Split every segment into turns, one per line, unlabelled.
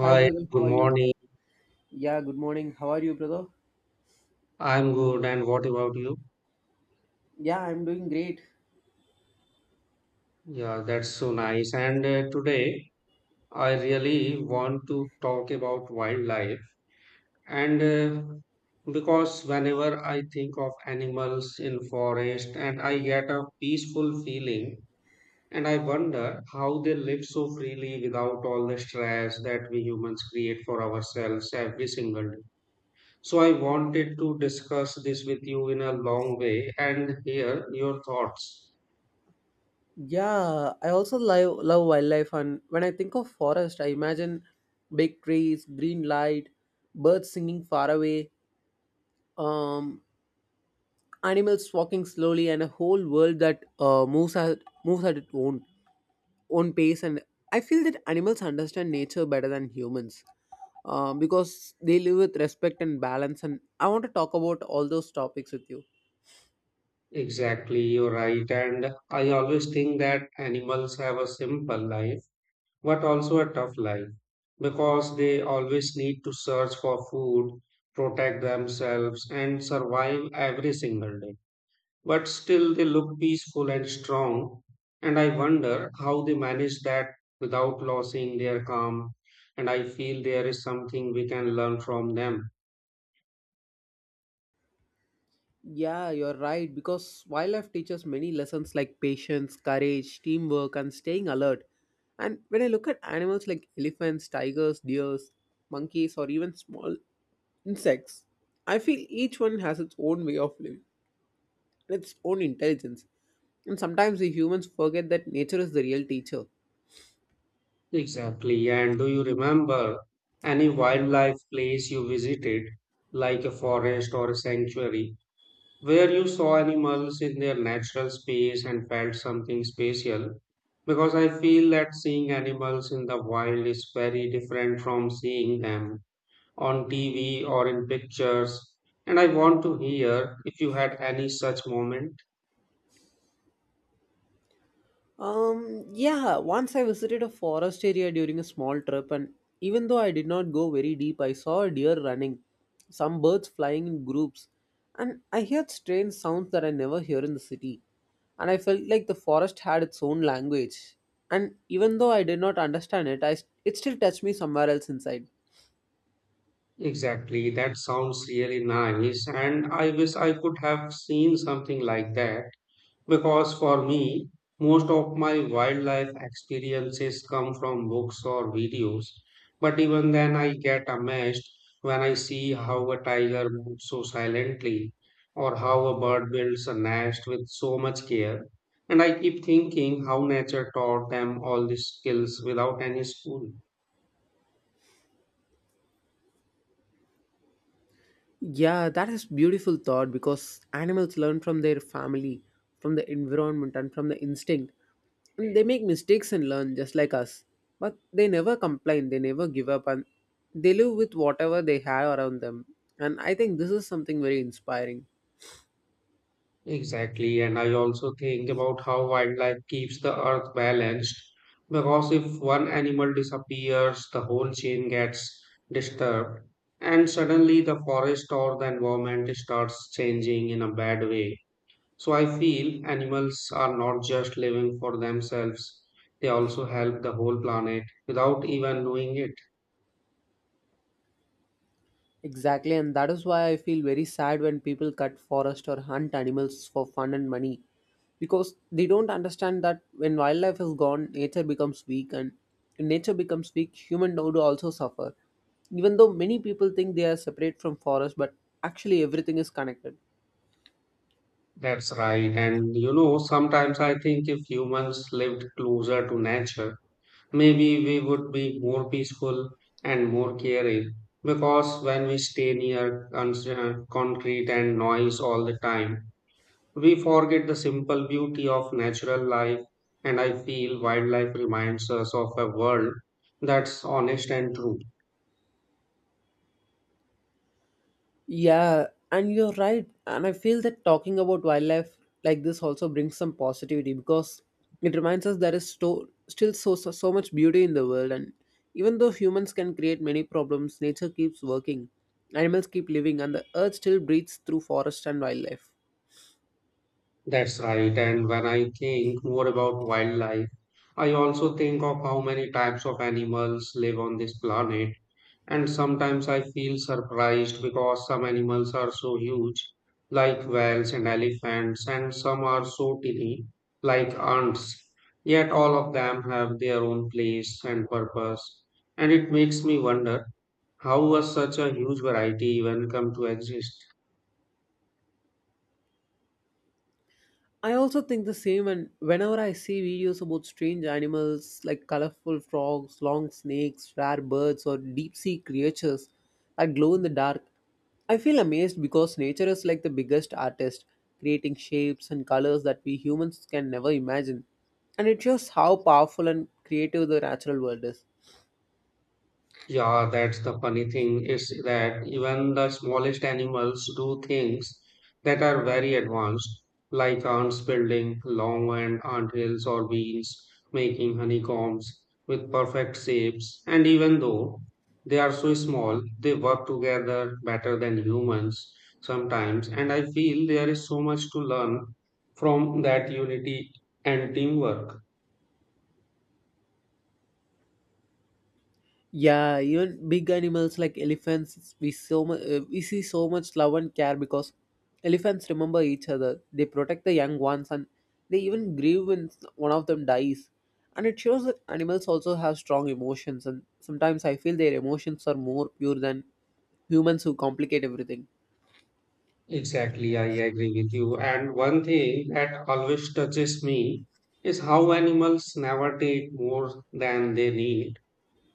Hi, brother.
good
How are you?
morning.
Yeah, good morning. How are you, brother?
I'm good, and what about you?
Yeah, I'm doing great.
Yeah, that's so nice. And today, I really want to talk about wildlife. And because whenever I think of animals in forest, and I get a peaceful feeling, and I wonder how they live so freely without all the stress that we humans create for ourselves every single day. So I wanted to discuss this with you in a long way and hear your thoughts.
Yeah, I also love wildlife, and when I think of forest, I imagine big trees, green light, birds singing far away, um, animals walking slowly, and a whole world that moves at its own pace. And I feel that animals understand nature better than humans, because they live with respect and balance. And I want to talk about all those topics with you.
Exactly, you're right. And I always think that animals have a simple life, but also a tough life because they always need to search for food, protect themselves, and survive every single day. But still, they look peaceful and strong. And I wonder how they manage that without losing their calm. And I feel there is something we can learn from them.
Yeah, you're right. Because wildlife teaches many lessons like patience, courage, teamwork, and staying alert. And when I look at animals like elephants, tigers, deers, monkeys, or even small insects, I feel each one has its own way of living and its own intelligence. And sometimes we humans forget that nature is the real teacher.
Exactly. And do you remember any wildlife place you visited, like a forest or a sanctuary, where you saw animals in their natural space and felt something special? Because I feel that seeing animals in the wild is very different from seeing them on TV or in pictures. And I want to hear if you had any such moment.
Yeah, once I visited a forest area during a small trip, and even though I did not go very deep, I saw a deer running, some birds flying in groups, and I heard strange sounds that I never hear in the city. And I felt like the forest had its own language. And even though I did not understand it, it still touched me somewhere else inside.
Exactly. That sounds really nice. And I wish I could have seen something like that. Because for me, most of my wildlife experiences come from books or videos, but even then I get amazed when I see how a tiger moves so silently or how a bird builds a nest with so much care. And I keep thinking how nature taught them all these skills without any school.
Yeah, that is beautiful thought because animals learn from their family, from the environment and from the instinct. And they make mistakes and learn just like us. But they never complain, they never give up and they live with whatever they have around them. And I think this is something very inspiring.
Exactly, and I also think about how wildlife keeps the earth balanced because if one animal disappears, the whole chain gets disturbed, and suddenly the forest or the environment starts changing in a bad way. So I feel animals are not just living for themselves, they also help the whole planet without even knowing it.
Exactly, and that is why I feel very sad when people cut forest or hunt animals for fun and money because they don't understand that when wildlife is gone, nature becomes weak, and when nature becomes weak, human would also suffer. Even though many people think they are separate from forest, but actually everything is connected.
That's right, and you know, sometimes I think if humans lived closer to nature, maybe we would be more peaceful and more caring because when we stay near concrete and noise all the time, we forget the simple beauty of natural life, and I feel wildlife reminds us of a world that's honest and true.
Yeah, and you're right. And I feel that talking about wildlife like this also brings some positivity because it reminds us there is still so much beauty in the world. And even though humans can create many problems, nature keeps working. Animals keep living, and the earth still breathes through forest and wildlife.
That's right, and when I think more about wildlife, I also think of how many types of animals live on this planet. And sometimes I feel surprised because some animals are so huge, like whales and elephants, and some are so tiny, like ants. Yet all of them have their own place and purpose. And it makes me wonder how was such a huge variety even come to exist?
I also think the same, and whenever I see videos about strange animals like colorful frogs, long snakes, rare birds, or deep sea creatures that glow in the dark, I feel amazed because nature is like the biggest artist, creating shapes and colors that we humans can never imagine. And it shows how powerful and creative the natural world is.
Yeah, that's the funny thing is that even the smallest animals do things that are very advanced, like ants building long and hills or bees, making honeycombs with perfect shapes. And even though they are so small, they work together better than humans sometimes. And I feel there is so much to learn from that unity and teamwork.
Yeah, even big animals like elephants, we see so much love and care because elephants remember each other. They protect the young ones, and they even grieve when one of them dies. And it shows that animals also have strong emotions, and sometimes I feel their emotions are more pure than humans who complicate everything.
Exactly, I agree with you. And one thing that always touches me is how animals never take more than they need,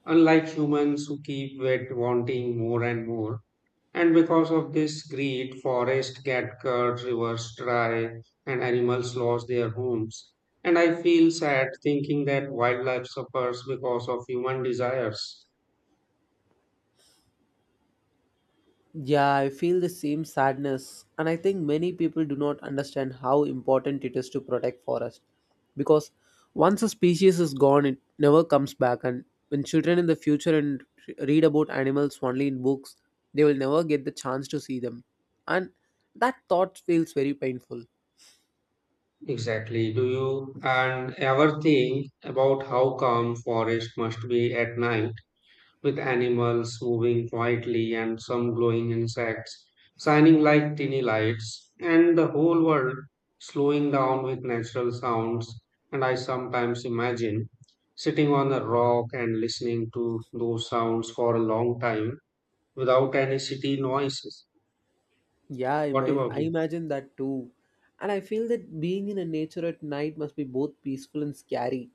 unlike humans who keep with wanting more and more. And because of this greed, forests get cut, rivers dry, and animals lose their homes. And I feel sad thinking that wildlife suffers because of human desires.
Yeah, I feel the same sadness, and I think many people do not understand how important it is to protect forest. Because once a species is gone, it never comes back, and when children in the future and read about animals only in books, they will never get the chance to see them, and that thought feels very painful.
Exactly. Do you and ever think about how calm forest must be at night, with animals moving quietly and some glowing insects shining like tiny lights and the whole world slowing down with natural sounds, and I sometimes imagine sitting on a rock and listening to those sounds for a long time without any city noises.
Yeah, I,
What
ima-
about
I
you?
imagine that too. And I feel that being in a nature at night must be both peaceful and scary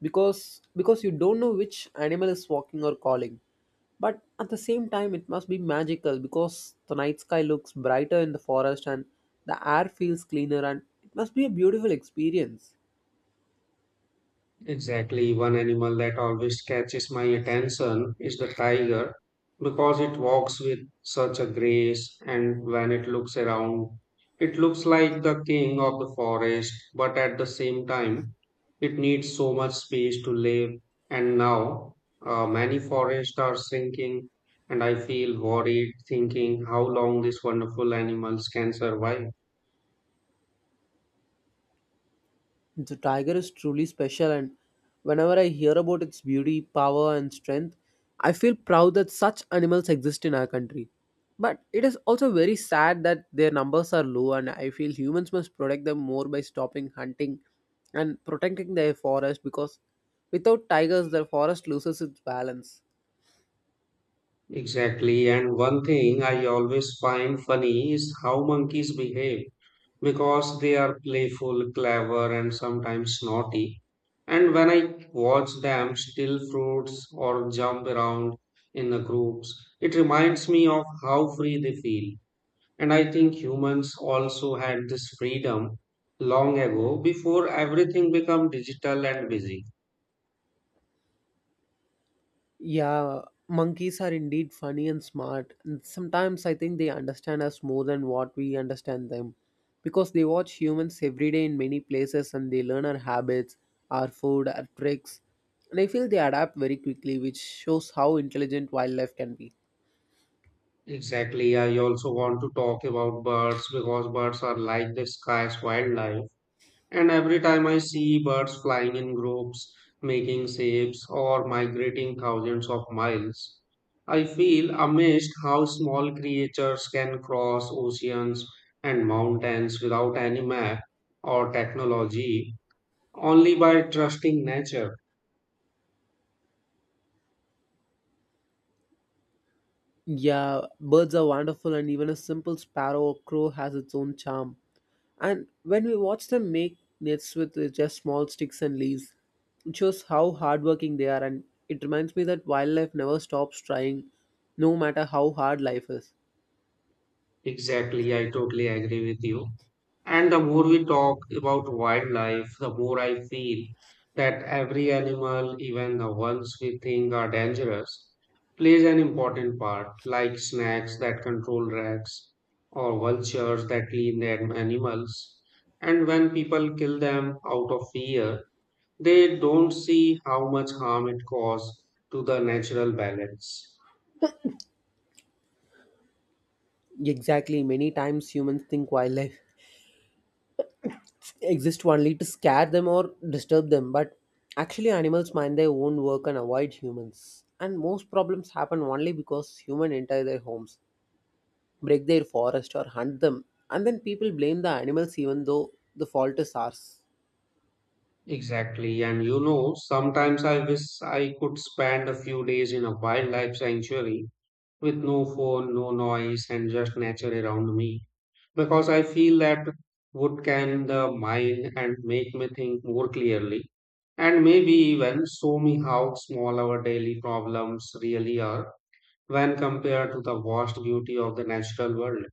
because you don't know which animal is walking or calling. But at the same time it must be magical because the night sky looks brighter in the forest and the air feels cleaner and it must be a beautiful experience.
Exactly, one animal that always catches my attention is the tiger because it walks with such a grace, and when it looks around, it looks like the king of the forest, but at the same time, it needs so much space to live. And now, many forests are shrinking, and I feel worried thinking how long these wonderful animals can survive.
The tiger is truly special, and whenever I hear about its beauty, power, and strength, I feel proud that such animals exist in our country. But it is also very sad that their numbers are low, and I feel humans must protect them more by stopping hunting and protecting their forest because without tigers, the forest loses its balance.
Exactly. And one thing I always find funny is how monkeys behave because they are playful, clever, and sometimes naughty. And when I watch them steal fruits or jump around in the groups, it reminds me of how free they feel. And I think humans also had this freedom long ago before everything became digital and busy.
Yeah, monkeys are indeed funny and smart, and sometimes I think they understand us more than what we understand them. Because they watch humans every day in many places and they learn our habits, our food, our tricks. And I feel they adapt very quickly, which shows how intelligent wildlife can be.
Exactly. I also want to talk about birds because birds are like the sky's wildlife. And every time I see birds flying in groups, making shapes, or migrating thousands of miles, I feel amazed how small creatures can cross oceans and mountains without any map or technology, only by trusting nature.
Yeah, birds are wonderful, and even a simple sparrow or crow has its own charm. And when we watch them make nets with just small sticks and leaves, it shows how hardworking they are, and it reminds me that wildlife never stops trying, no matter how hard life is.
Exactly, I totally agree with you. And the more we talk about wildlife, the more I feel that every animal, even the ones we think are dangerous, plays an important part, like snakes that control rats or vultures that clean their animals. And when people kill them out of fear, they don't see how much harm it causes to the natural balance.
Exactly, many times humans think wildlife exist only to scare them or disturb them, but actually, animals mind their own work and avoid humans. And most problems happen only because humans enter their homes, break their forest or hunt them, and then people blame the animals even though the fault is ours.
Exactly, and you know, sometimes I wish I could spend a few days in a wildlife sanctuary with no phone, no noise, and just nature around me. Because I feel that would calm the mind and make me think more clearly, and maybe even show me how small our daily problems really are when compared to the vast beauty of the natural world.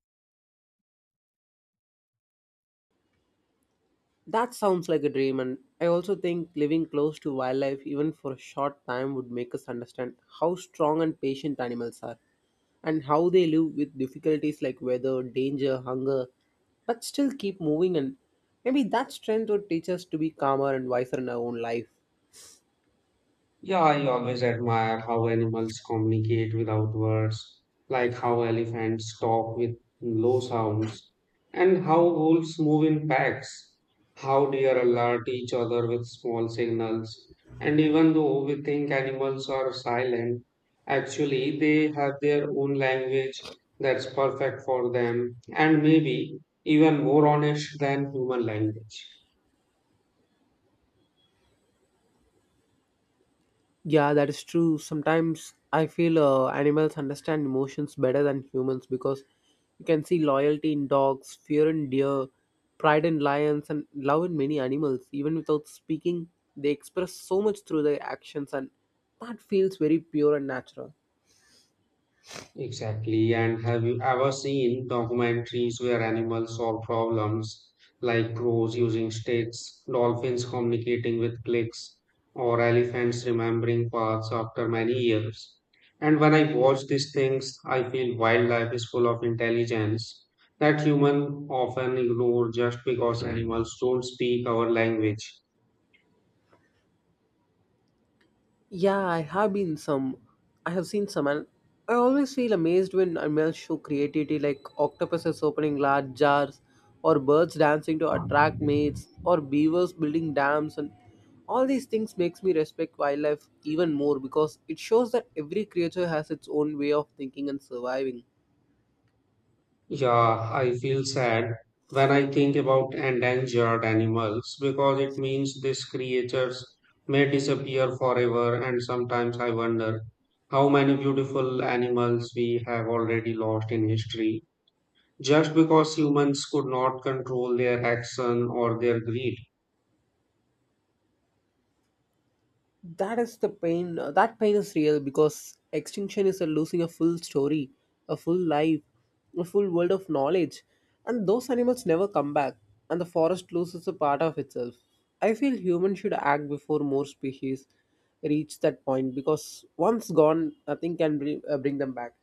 That sounds like a dream, and I also think living close to wildlife even for a short time would make us understand how strong and patient animals are and how they live with difficulties like weather, danger, hunger, but still keep moving. And maybe that strength would teach us to be calmer and wiser in our own life.
Yeah, I always admire how animals communicate without words, like how elephants talk with low sounds, and how wolves move in packs, how deer alert each other with small signals. And even though we think animals are silent, actually they have their own language that's perfect for them and maybe even more honest than human language.
Yeah, that is true. Sometimes I feel animals understand emotions better than humans because you can see loyalty in dogs, fear in deer, pride in lions, and love in many animals. Even without speaking, they express so much through their actions, and that feels very pure and natural.
Exactly. And have you ever seen documentaries where animals solve problems like crows using sticks, dolphins communicating with clicks, or elephants remembering paths after many years? And when I watch these things, I feel wildlife is full of intelligence that humans often ignore just because animals don't speak our language.
Yeah, I have been some. I have seen some, and I always feel amazed when animals show creativity, like octopuses opening large jars, or birds dancing to attract mates, or beavers building dams, and all these things makes me respect wildlife even more because it shows that every creature has its own way of thinking and surviving.
Yeah, I feel sad when I think about endangered animals because it means these creatures may disappear forever, and sometimes I wonder how many beautiful animals we have already lost in history just because humans could not control their action or their greed.
That is the pain that pain is real because extinction is a losing a full story, a full life, a full world of knowledge, and those animals never come back, and the forest loses a part of itself. I feel humans should act before more species reach that point, because once gone nothing can bring them back.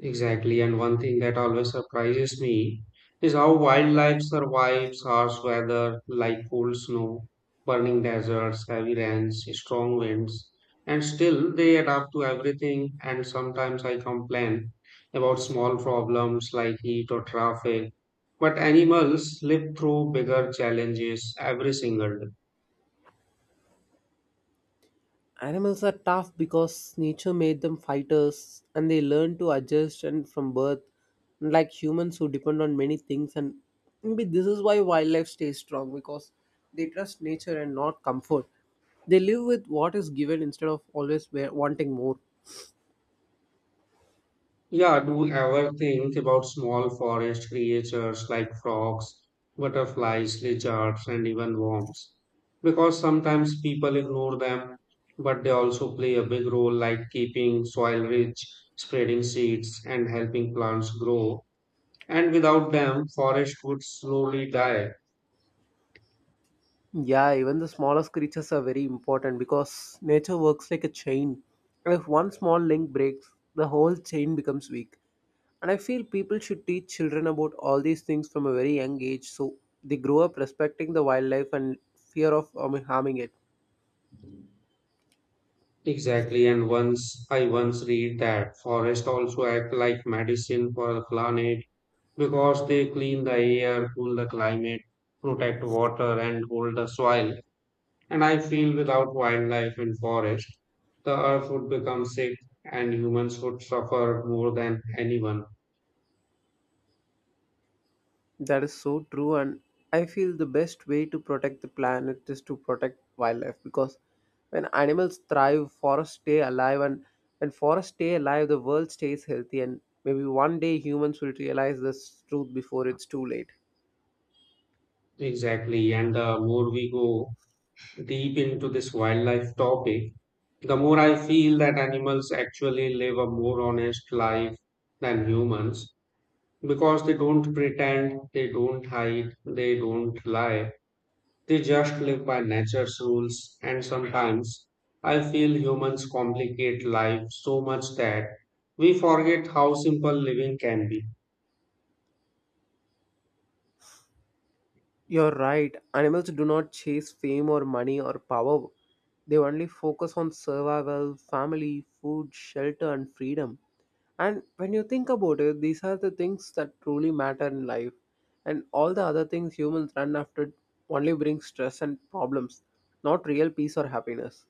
Exactly, and one thing that always surprises me is how wildlife survives harsh weather like cold snow, burning deserts, heavy rains, strong winds, and still they adapt to everything. And sometimes I complain about small problems like heat or traffic, but animals live through bigger challenges every single day.
Animals are tough because nature made them fighters and they learn to adjust and from birth, like humans who depend on many things and maybe this is why wildlife stays strong because they trust nature and not comfort. They live with what is given instead of always wanting more.
Yeah, do you ever think about small forest creatures like frogs, butterflies, lizards, and even worms? Because sometimes people ignore them, but they also play a big role, like keeping soil rich, spreading seeds, and helping plants grow. And without them, forest would slowly die.
Yeah, even the smallest creatures are very important because nature works like a chain. And if one small link breaks, the whole chain becomes weak. And I feel people should teach children about all these things from a very young age so they grow up respecting the wildlife and fear of harming it.
Exactly, and once read that forest also act like medicine for the planet because they clean the air, cool the climate, protect water, and hold the soil. And I feel without wildlife and forest, the earth would become sick and humans would suffer more than anyone.
That is so true, and I feel the best way to protect the planet is to protect wildlife because when animals thrive, forests stay alive, and when forests stay alive, the world stays healthy. And maybe one day humans will realize this truth before it's too late.
Exactly. And the more we go deep into this wildlife topic, the more I feel that animals actually live a more honest life than humans because they don't pretend, they don't hide, they don't lie. They just live by nature's rules, and sometimes I feel humans complicate life so much that we forget how simple living can be.
You're right. Animals do not chase fame or money or power. They only focus on survival, family, food, shelter, and freedom. And when you think about it, these are the things that truly matter in life. And all the other things humans run after only bring stress and problems, not real peace or happiness.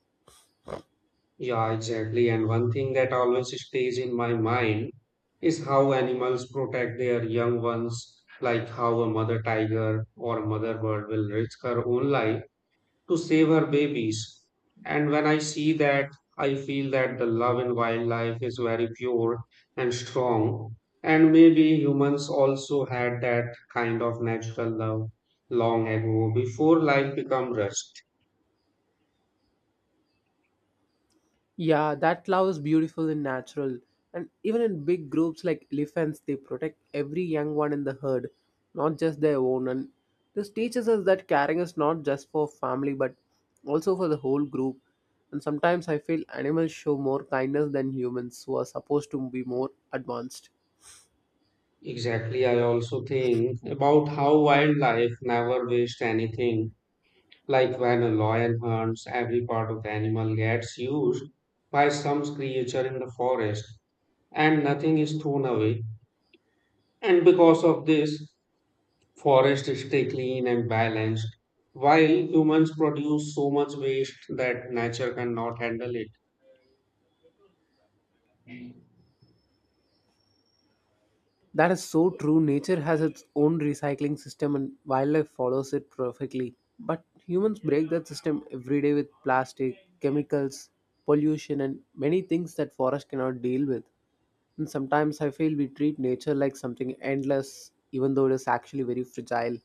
Yeah, exactly. And one thing that always stays in my mind is how animals protect their young ones, like how a mother tiger or a mother bird will risk her own life to save her babies. And when I see that, I feel that the love in wildlife is very pure and strong. And maybe humans also had that kind of natural love long ago before life became rushed.
Yeah, that love is beautiful and natural. And even in big groups like elephants, they protect every young one in the herd, not just their own. And this teaches us that caring is not just for family, but also for the whole group. And sometimes I feel animals show more kindness than humans, who are supposed to be more advanced.
Exactly, I also think about how wildlife never wastes anything. Like when a lion hunts, every part of the animal gets used by some creature in the forest, and nothing is thrown away. And because of this, forests stay clean and balanced, while humans produce so much waste that nature cannot handle it.
That is so true. Nature has its own recycling system and wildlife follows it perfectly. But humans break that system every day with plastic, chemicals, pollution, and many things that forests cannot deal with. And sometimes I feel we treat nature like something endless, even though it is actually very fragile.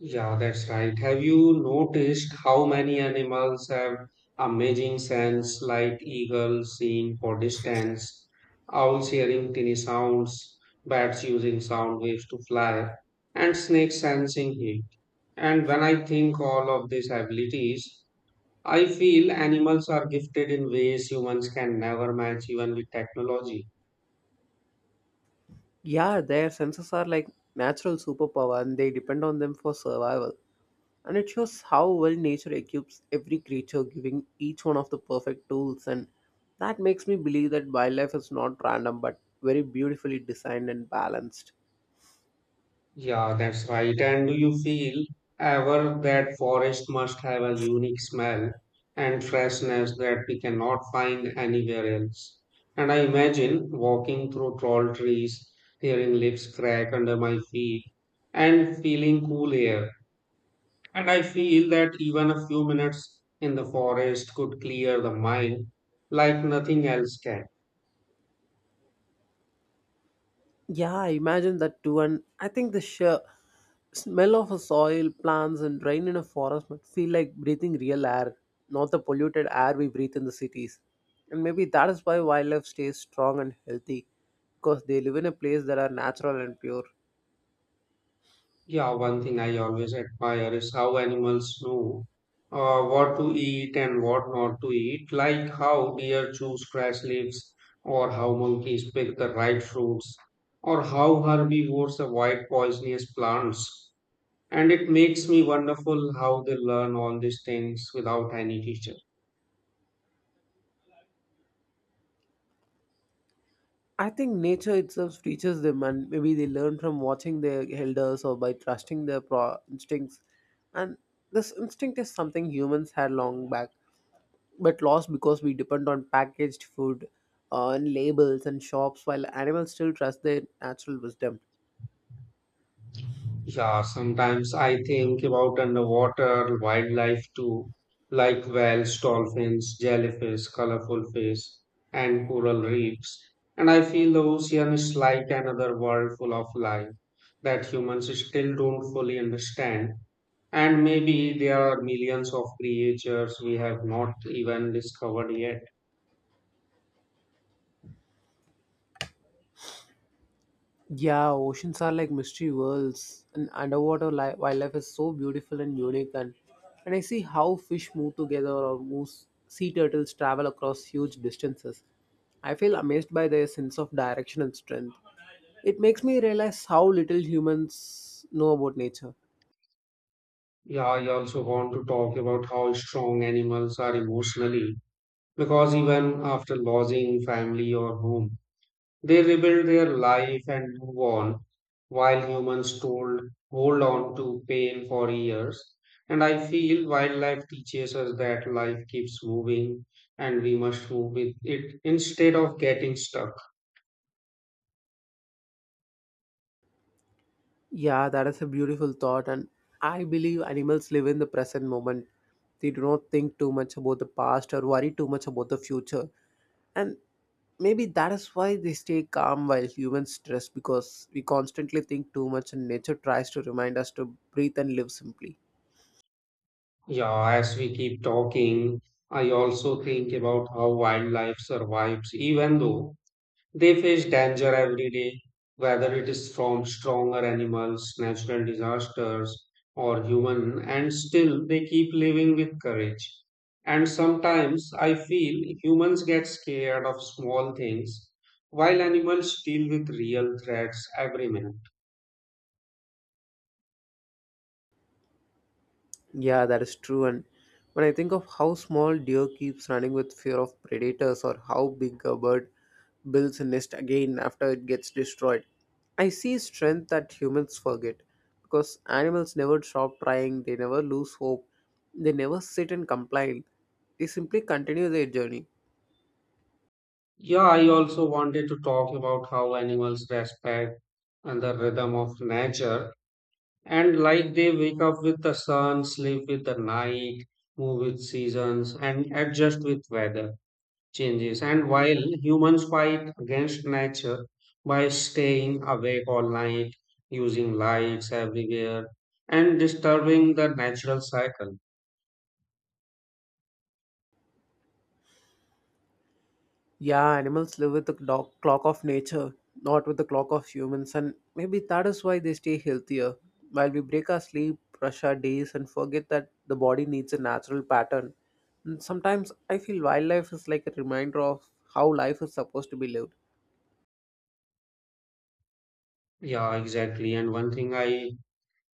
Yeah, that's right. Have you noticed how many animals have amazing sense, like eagles seeing for distance, owls hearing tiny sounds, bats using sound waves to fly, and snakes sensing heat? And when I think all of these abilities, I feel animals are gifted in ways humans can never match, even with technology.
Yeah, their senses are like natural superpower and they depend on them for survival. And it shows how well nature equips every creature, giving each one of the perfect tools. And that makes me believe that wildlife is not random but very beautifully designed and balanced.
Yeah, that's right. And do you feel ever that forest must have a unique smell and freshness that we cannot find anywhere else? And I imagine walking through tall trees, hearing leaves crack under my feet, and feeling cool air. And I feel that even a few minutes in the forest could clear the mind like nothing else can.
Yeah, I imagine that too. And I think the sheer smell of a soil, plants, and rain in a forest must feel like breathing real air, not the polluted air we breathe in the cities. And maybe that is why wildlife stays strong and healthy because they live in a place that are natural and pure.
Yeah, one thing I always admire is how animals know what to eat and what not to eat, like how deer choose grass leaves, or how monkeys pick the right fruits, or how herbivores avoid poisonous plants. And it makes me wonderful how they learn all these things without any teacher.
I think nature itself teaches them, and maybe they learn from watching their elders or by trusting their instincts. And this instinct is something humans had long back, but lost because we depend on packaged food, and labels and shops, while animals still trust their natural wisdom.
Yeah, sometimes I think about underwater wildlife too, like whales, dolphins, jellyfish, colorful fish, and coral reefs. And I feel the ocean is like another world full of life that humans still don't fully understand. And maybe there are millions of creatures we have not even discovered yet.
Yeah, oceans are like mystery worlds, and underwater wildlife is so beautiful and unique. And I see how fish move together or move, sea turtles travel across huge distances. I feel amazed by their sense of direction and strength. It makes me realize how little humans know about nature.
Yeah, I also want to talk about how strong animals are emotionally, because even after losing family or home, they rebuild their life and move on, while humans told, hold on to pain for years. And I feel wildlife teaches us that life keeps moving and we must move with it instead of getting stuck.
Yeah, that is a beautiful thought, and I believe animals live in the present moment. They do not think too much about the past or worry too much about the future. And maybe that is why they stay calm while humans stress because we constantly think too much and nature tries to remind us to breathe and live simply.
Yeah, as we keep talking, I also think about how wildlife survives even though they face danger every day, whether it is from stronger animals, natural disasters, or human, and still they keep living with courage. And sometimes I feel humans get scared of small things, while animals deal with real threats every minute.
Yeah, that is true. And when I think of how small deer keeps running with fear of predators or how big a bird builds a nest again after it gets destroyed, I see strength that humans forget because animals never stop trying, they never lose hope, they never sit and complain, they simply continue their journey.
Yeah, I also wanted to talk about how animals respect and the rhythm of nature. And like they wake up with the sun, sleep with the night, move with seasons, and adjust with weather changes. And while humans fight against nature by staying awake all night, using lights everywhere, and disturbing the natural cycle.
Yeah, animals live with the clock of nature, not with the clock of humans, and maybe that is why they stay healthier. While we break our sleep, rush our days, and forget that the body needs a natural pattern. And sometimes I feel wildlife is like a reminder of how life is supposed to be lived.
Yeah, exactly. And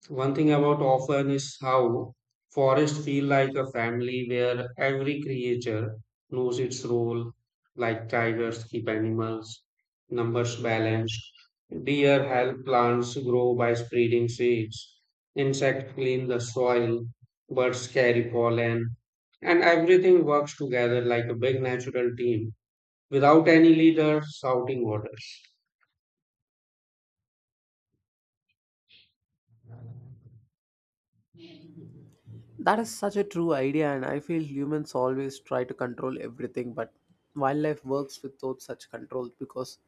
one thing about often is how forests feel like a family where every creature knows its role, like tigers keep animals, numbers balanced, deer help plants grow by spreading seeds, insects clean the soil, birds carry pollen, and everything works together like a big natural team without any leader shouting orders.
That is such a true idea, and I feel humans always try to control everything, but wildlife works without such control because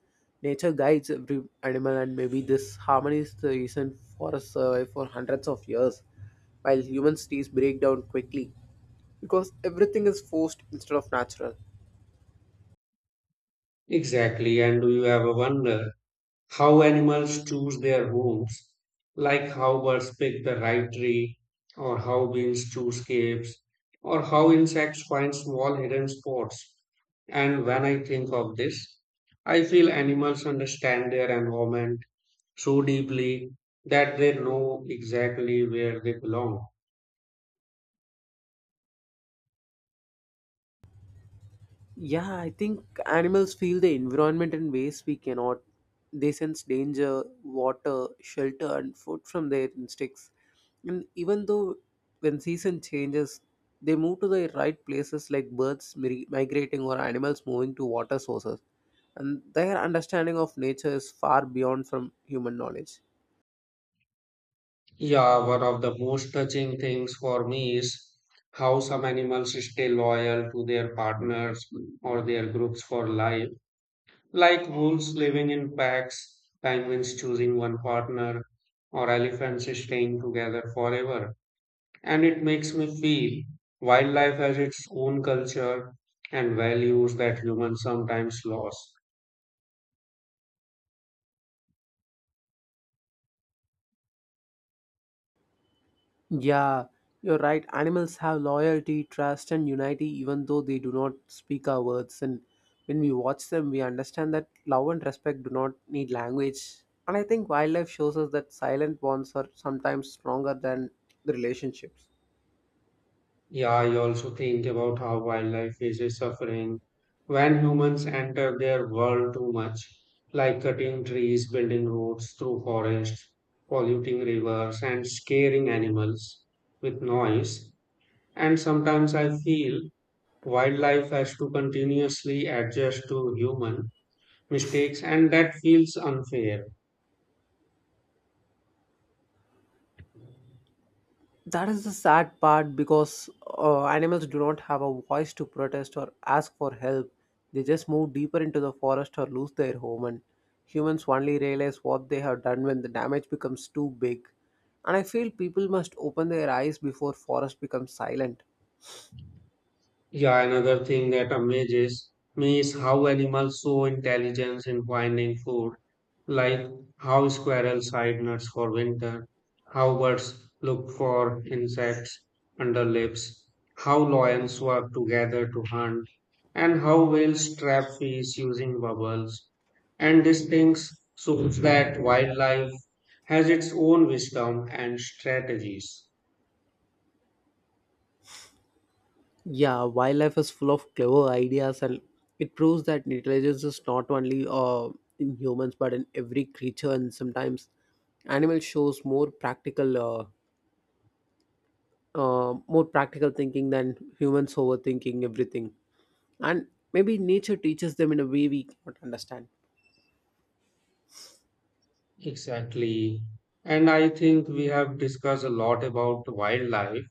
nature guides every animal, and maybe this harmony is the reason forests survive for hundreds of years, while human cities break down quickly because everything is forced instead of natural.
Exactly, and do you ever wonder how animals choose their homes, like how birds pick the right tree, or how bees choose caves, or how insects find small hidden spots. And when I think of this, I feel animals understand their environment so deeply that they know exactly where they belong.
Yeah, I think animals feel the environment in ways we cannot. They sense danger, water, shelter, and food from their instincts. And even though when season changes, they move to the right places like birds migrating or animals moving to water sources. And their understanding of nature is far beyond from human knowledge.
Yeah, one of the most touching things for me is how some animals stay loyal to their partners or their groups for life, like wolves living in packs, penguins choosing one partner, or elephants staying together forever. And it makes me feel wildlife has its own culture and values that humans sometimes lose.
Yeah, you're right. Animals have loyalty, trust, and unity, even though they do not speak our words. And when we watch them, we understand that love and respect do not need language. And I think wildlife shows us that silent bonds are sometimes stronger than the relationships.
Yeah, I also think about how wildlife faces suffering when humans enter their world too much, like cutting trees, building roads through forests, polluting rivers, and scaring animals with noise. And sometimes I feel wildlife has to continuously adjust to human mistakes, and that feels unfair.
That is the sad part because animals do not have a voice to protest or ask for help. They just move deeper into the forest or lose their home, and humans only realize what they have done when the damage becomes too big. And I feel people must open their eyes before forest becomes silent.
Yeah, another thing that amazes me is how animals show intelligence in finding food, like how squirrels hide nuts for winter, how birds look for insects under leaves, how lions work together to hunt, and how whales trap fish using bubbles. And these things shows that wildlife has its own wisdom and strategies.
Yeah, wildlife is full of clever ideas, and it proves that intelligence is not only in humans but in every creature, and sometimes animal shows more practical. More practical thinking than humans overthinking everything. And maybe nature teaches them in a way we cannot understand.
Exactly. And I think we have discussed a lot about wildlife.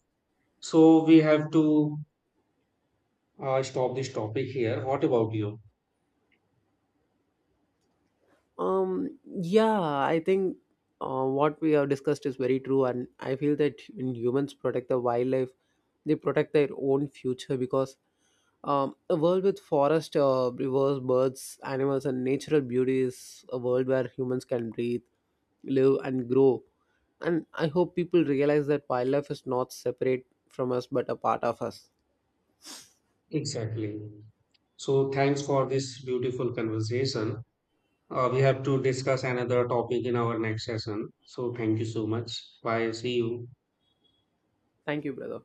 So we have to stop this topic here. What about you?
Yeah, I think what we have discussed is very true, and I feel that when humans protect the wildlife, they protect their own future because a world with forest, rivers, birds, animals, and natural beauty is a world where humans can breathe, live, and grow. And I hope people realize that wildlife is not separate from us but a part of us.
Exactly. So thanks for this beautiful conversation. We have to discuss another topic in our next session. So thank you so much. Bye. See you.
Thank you, brother.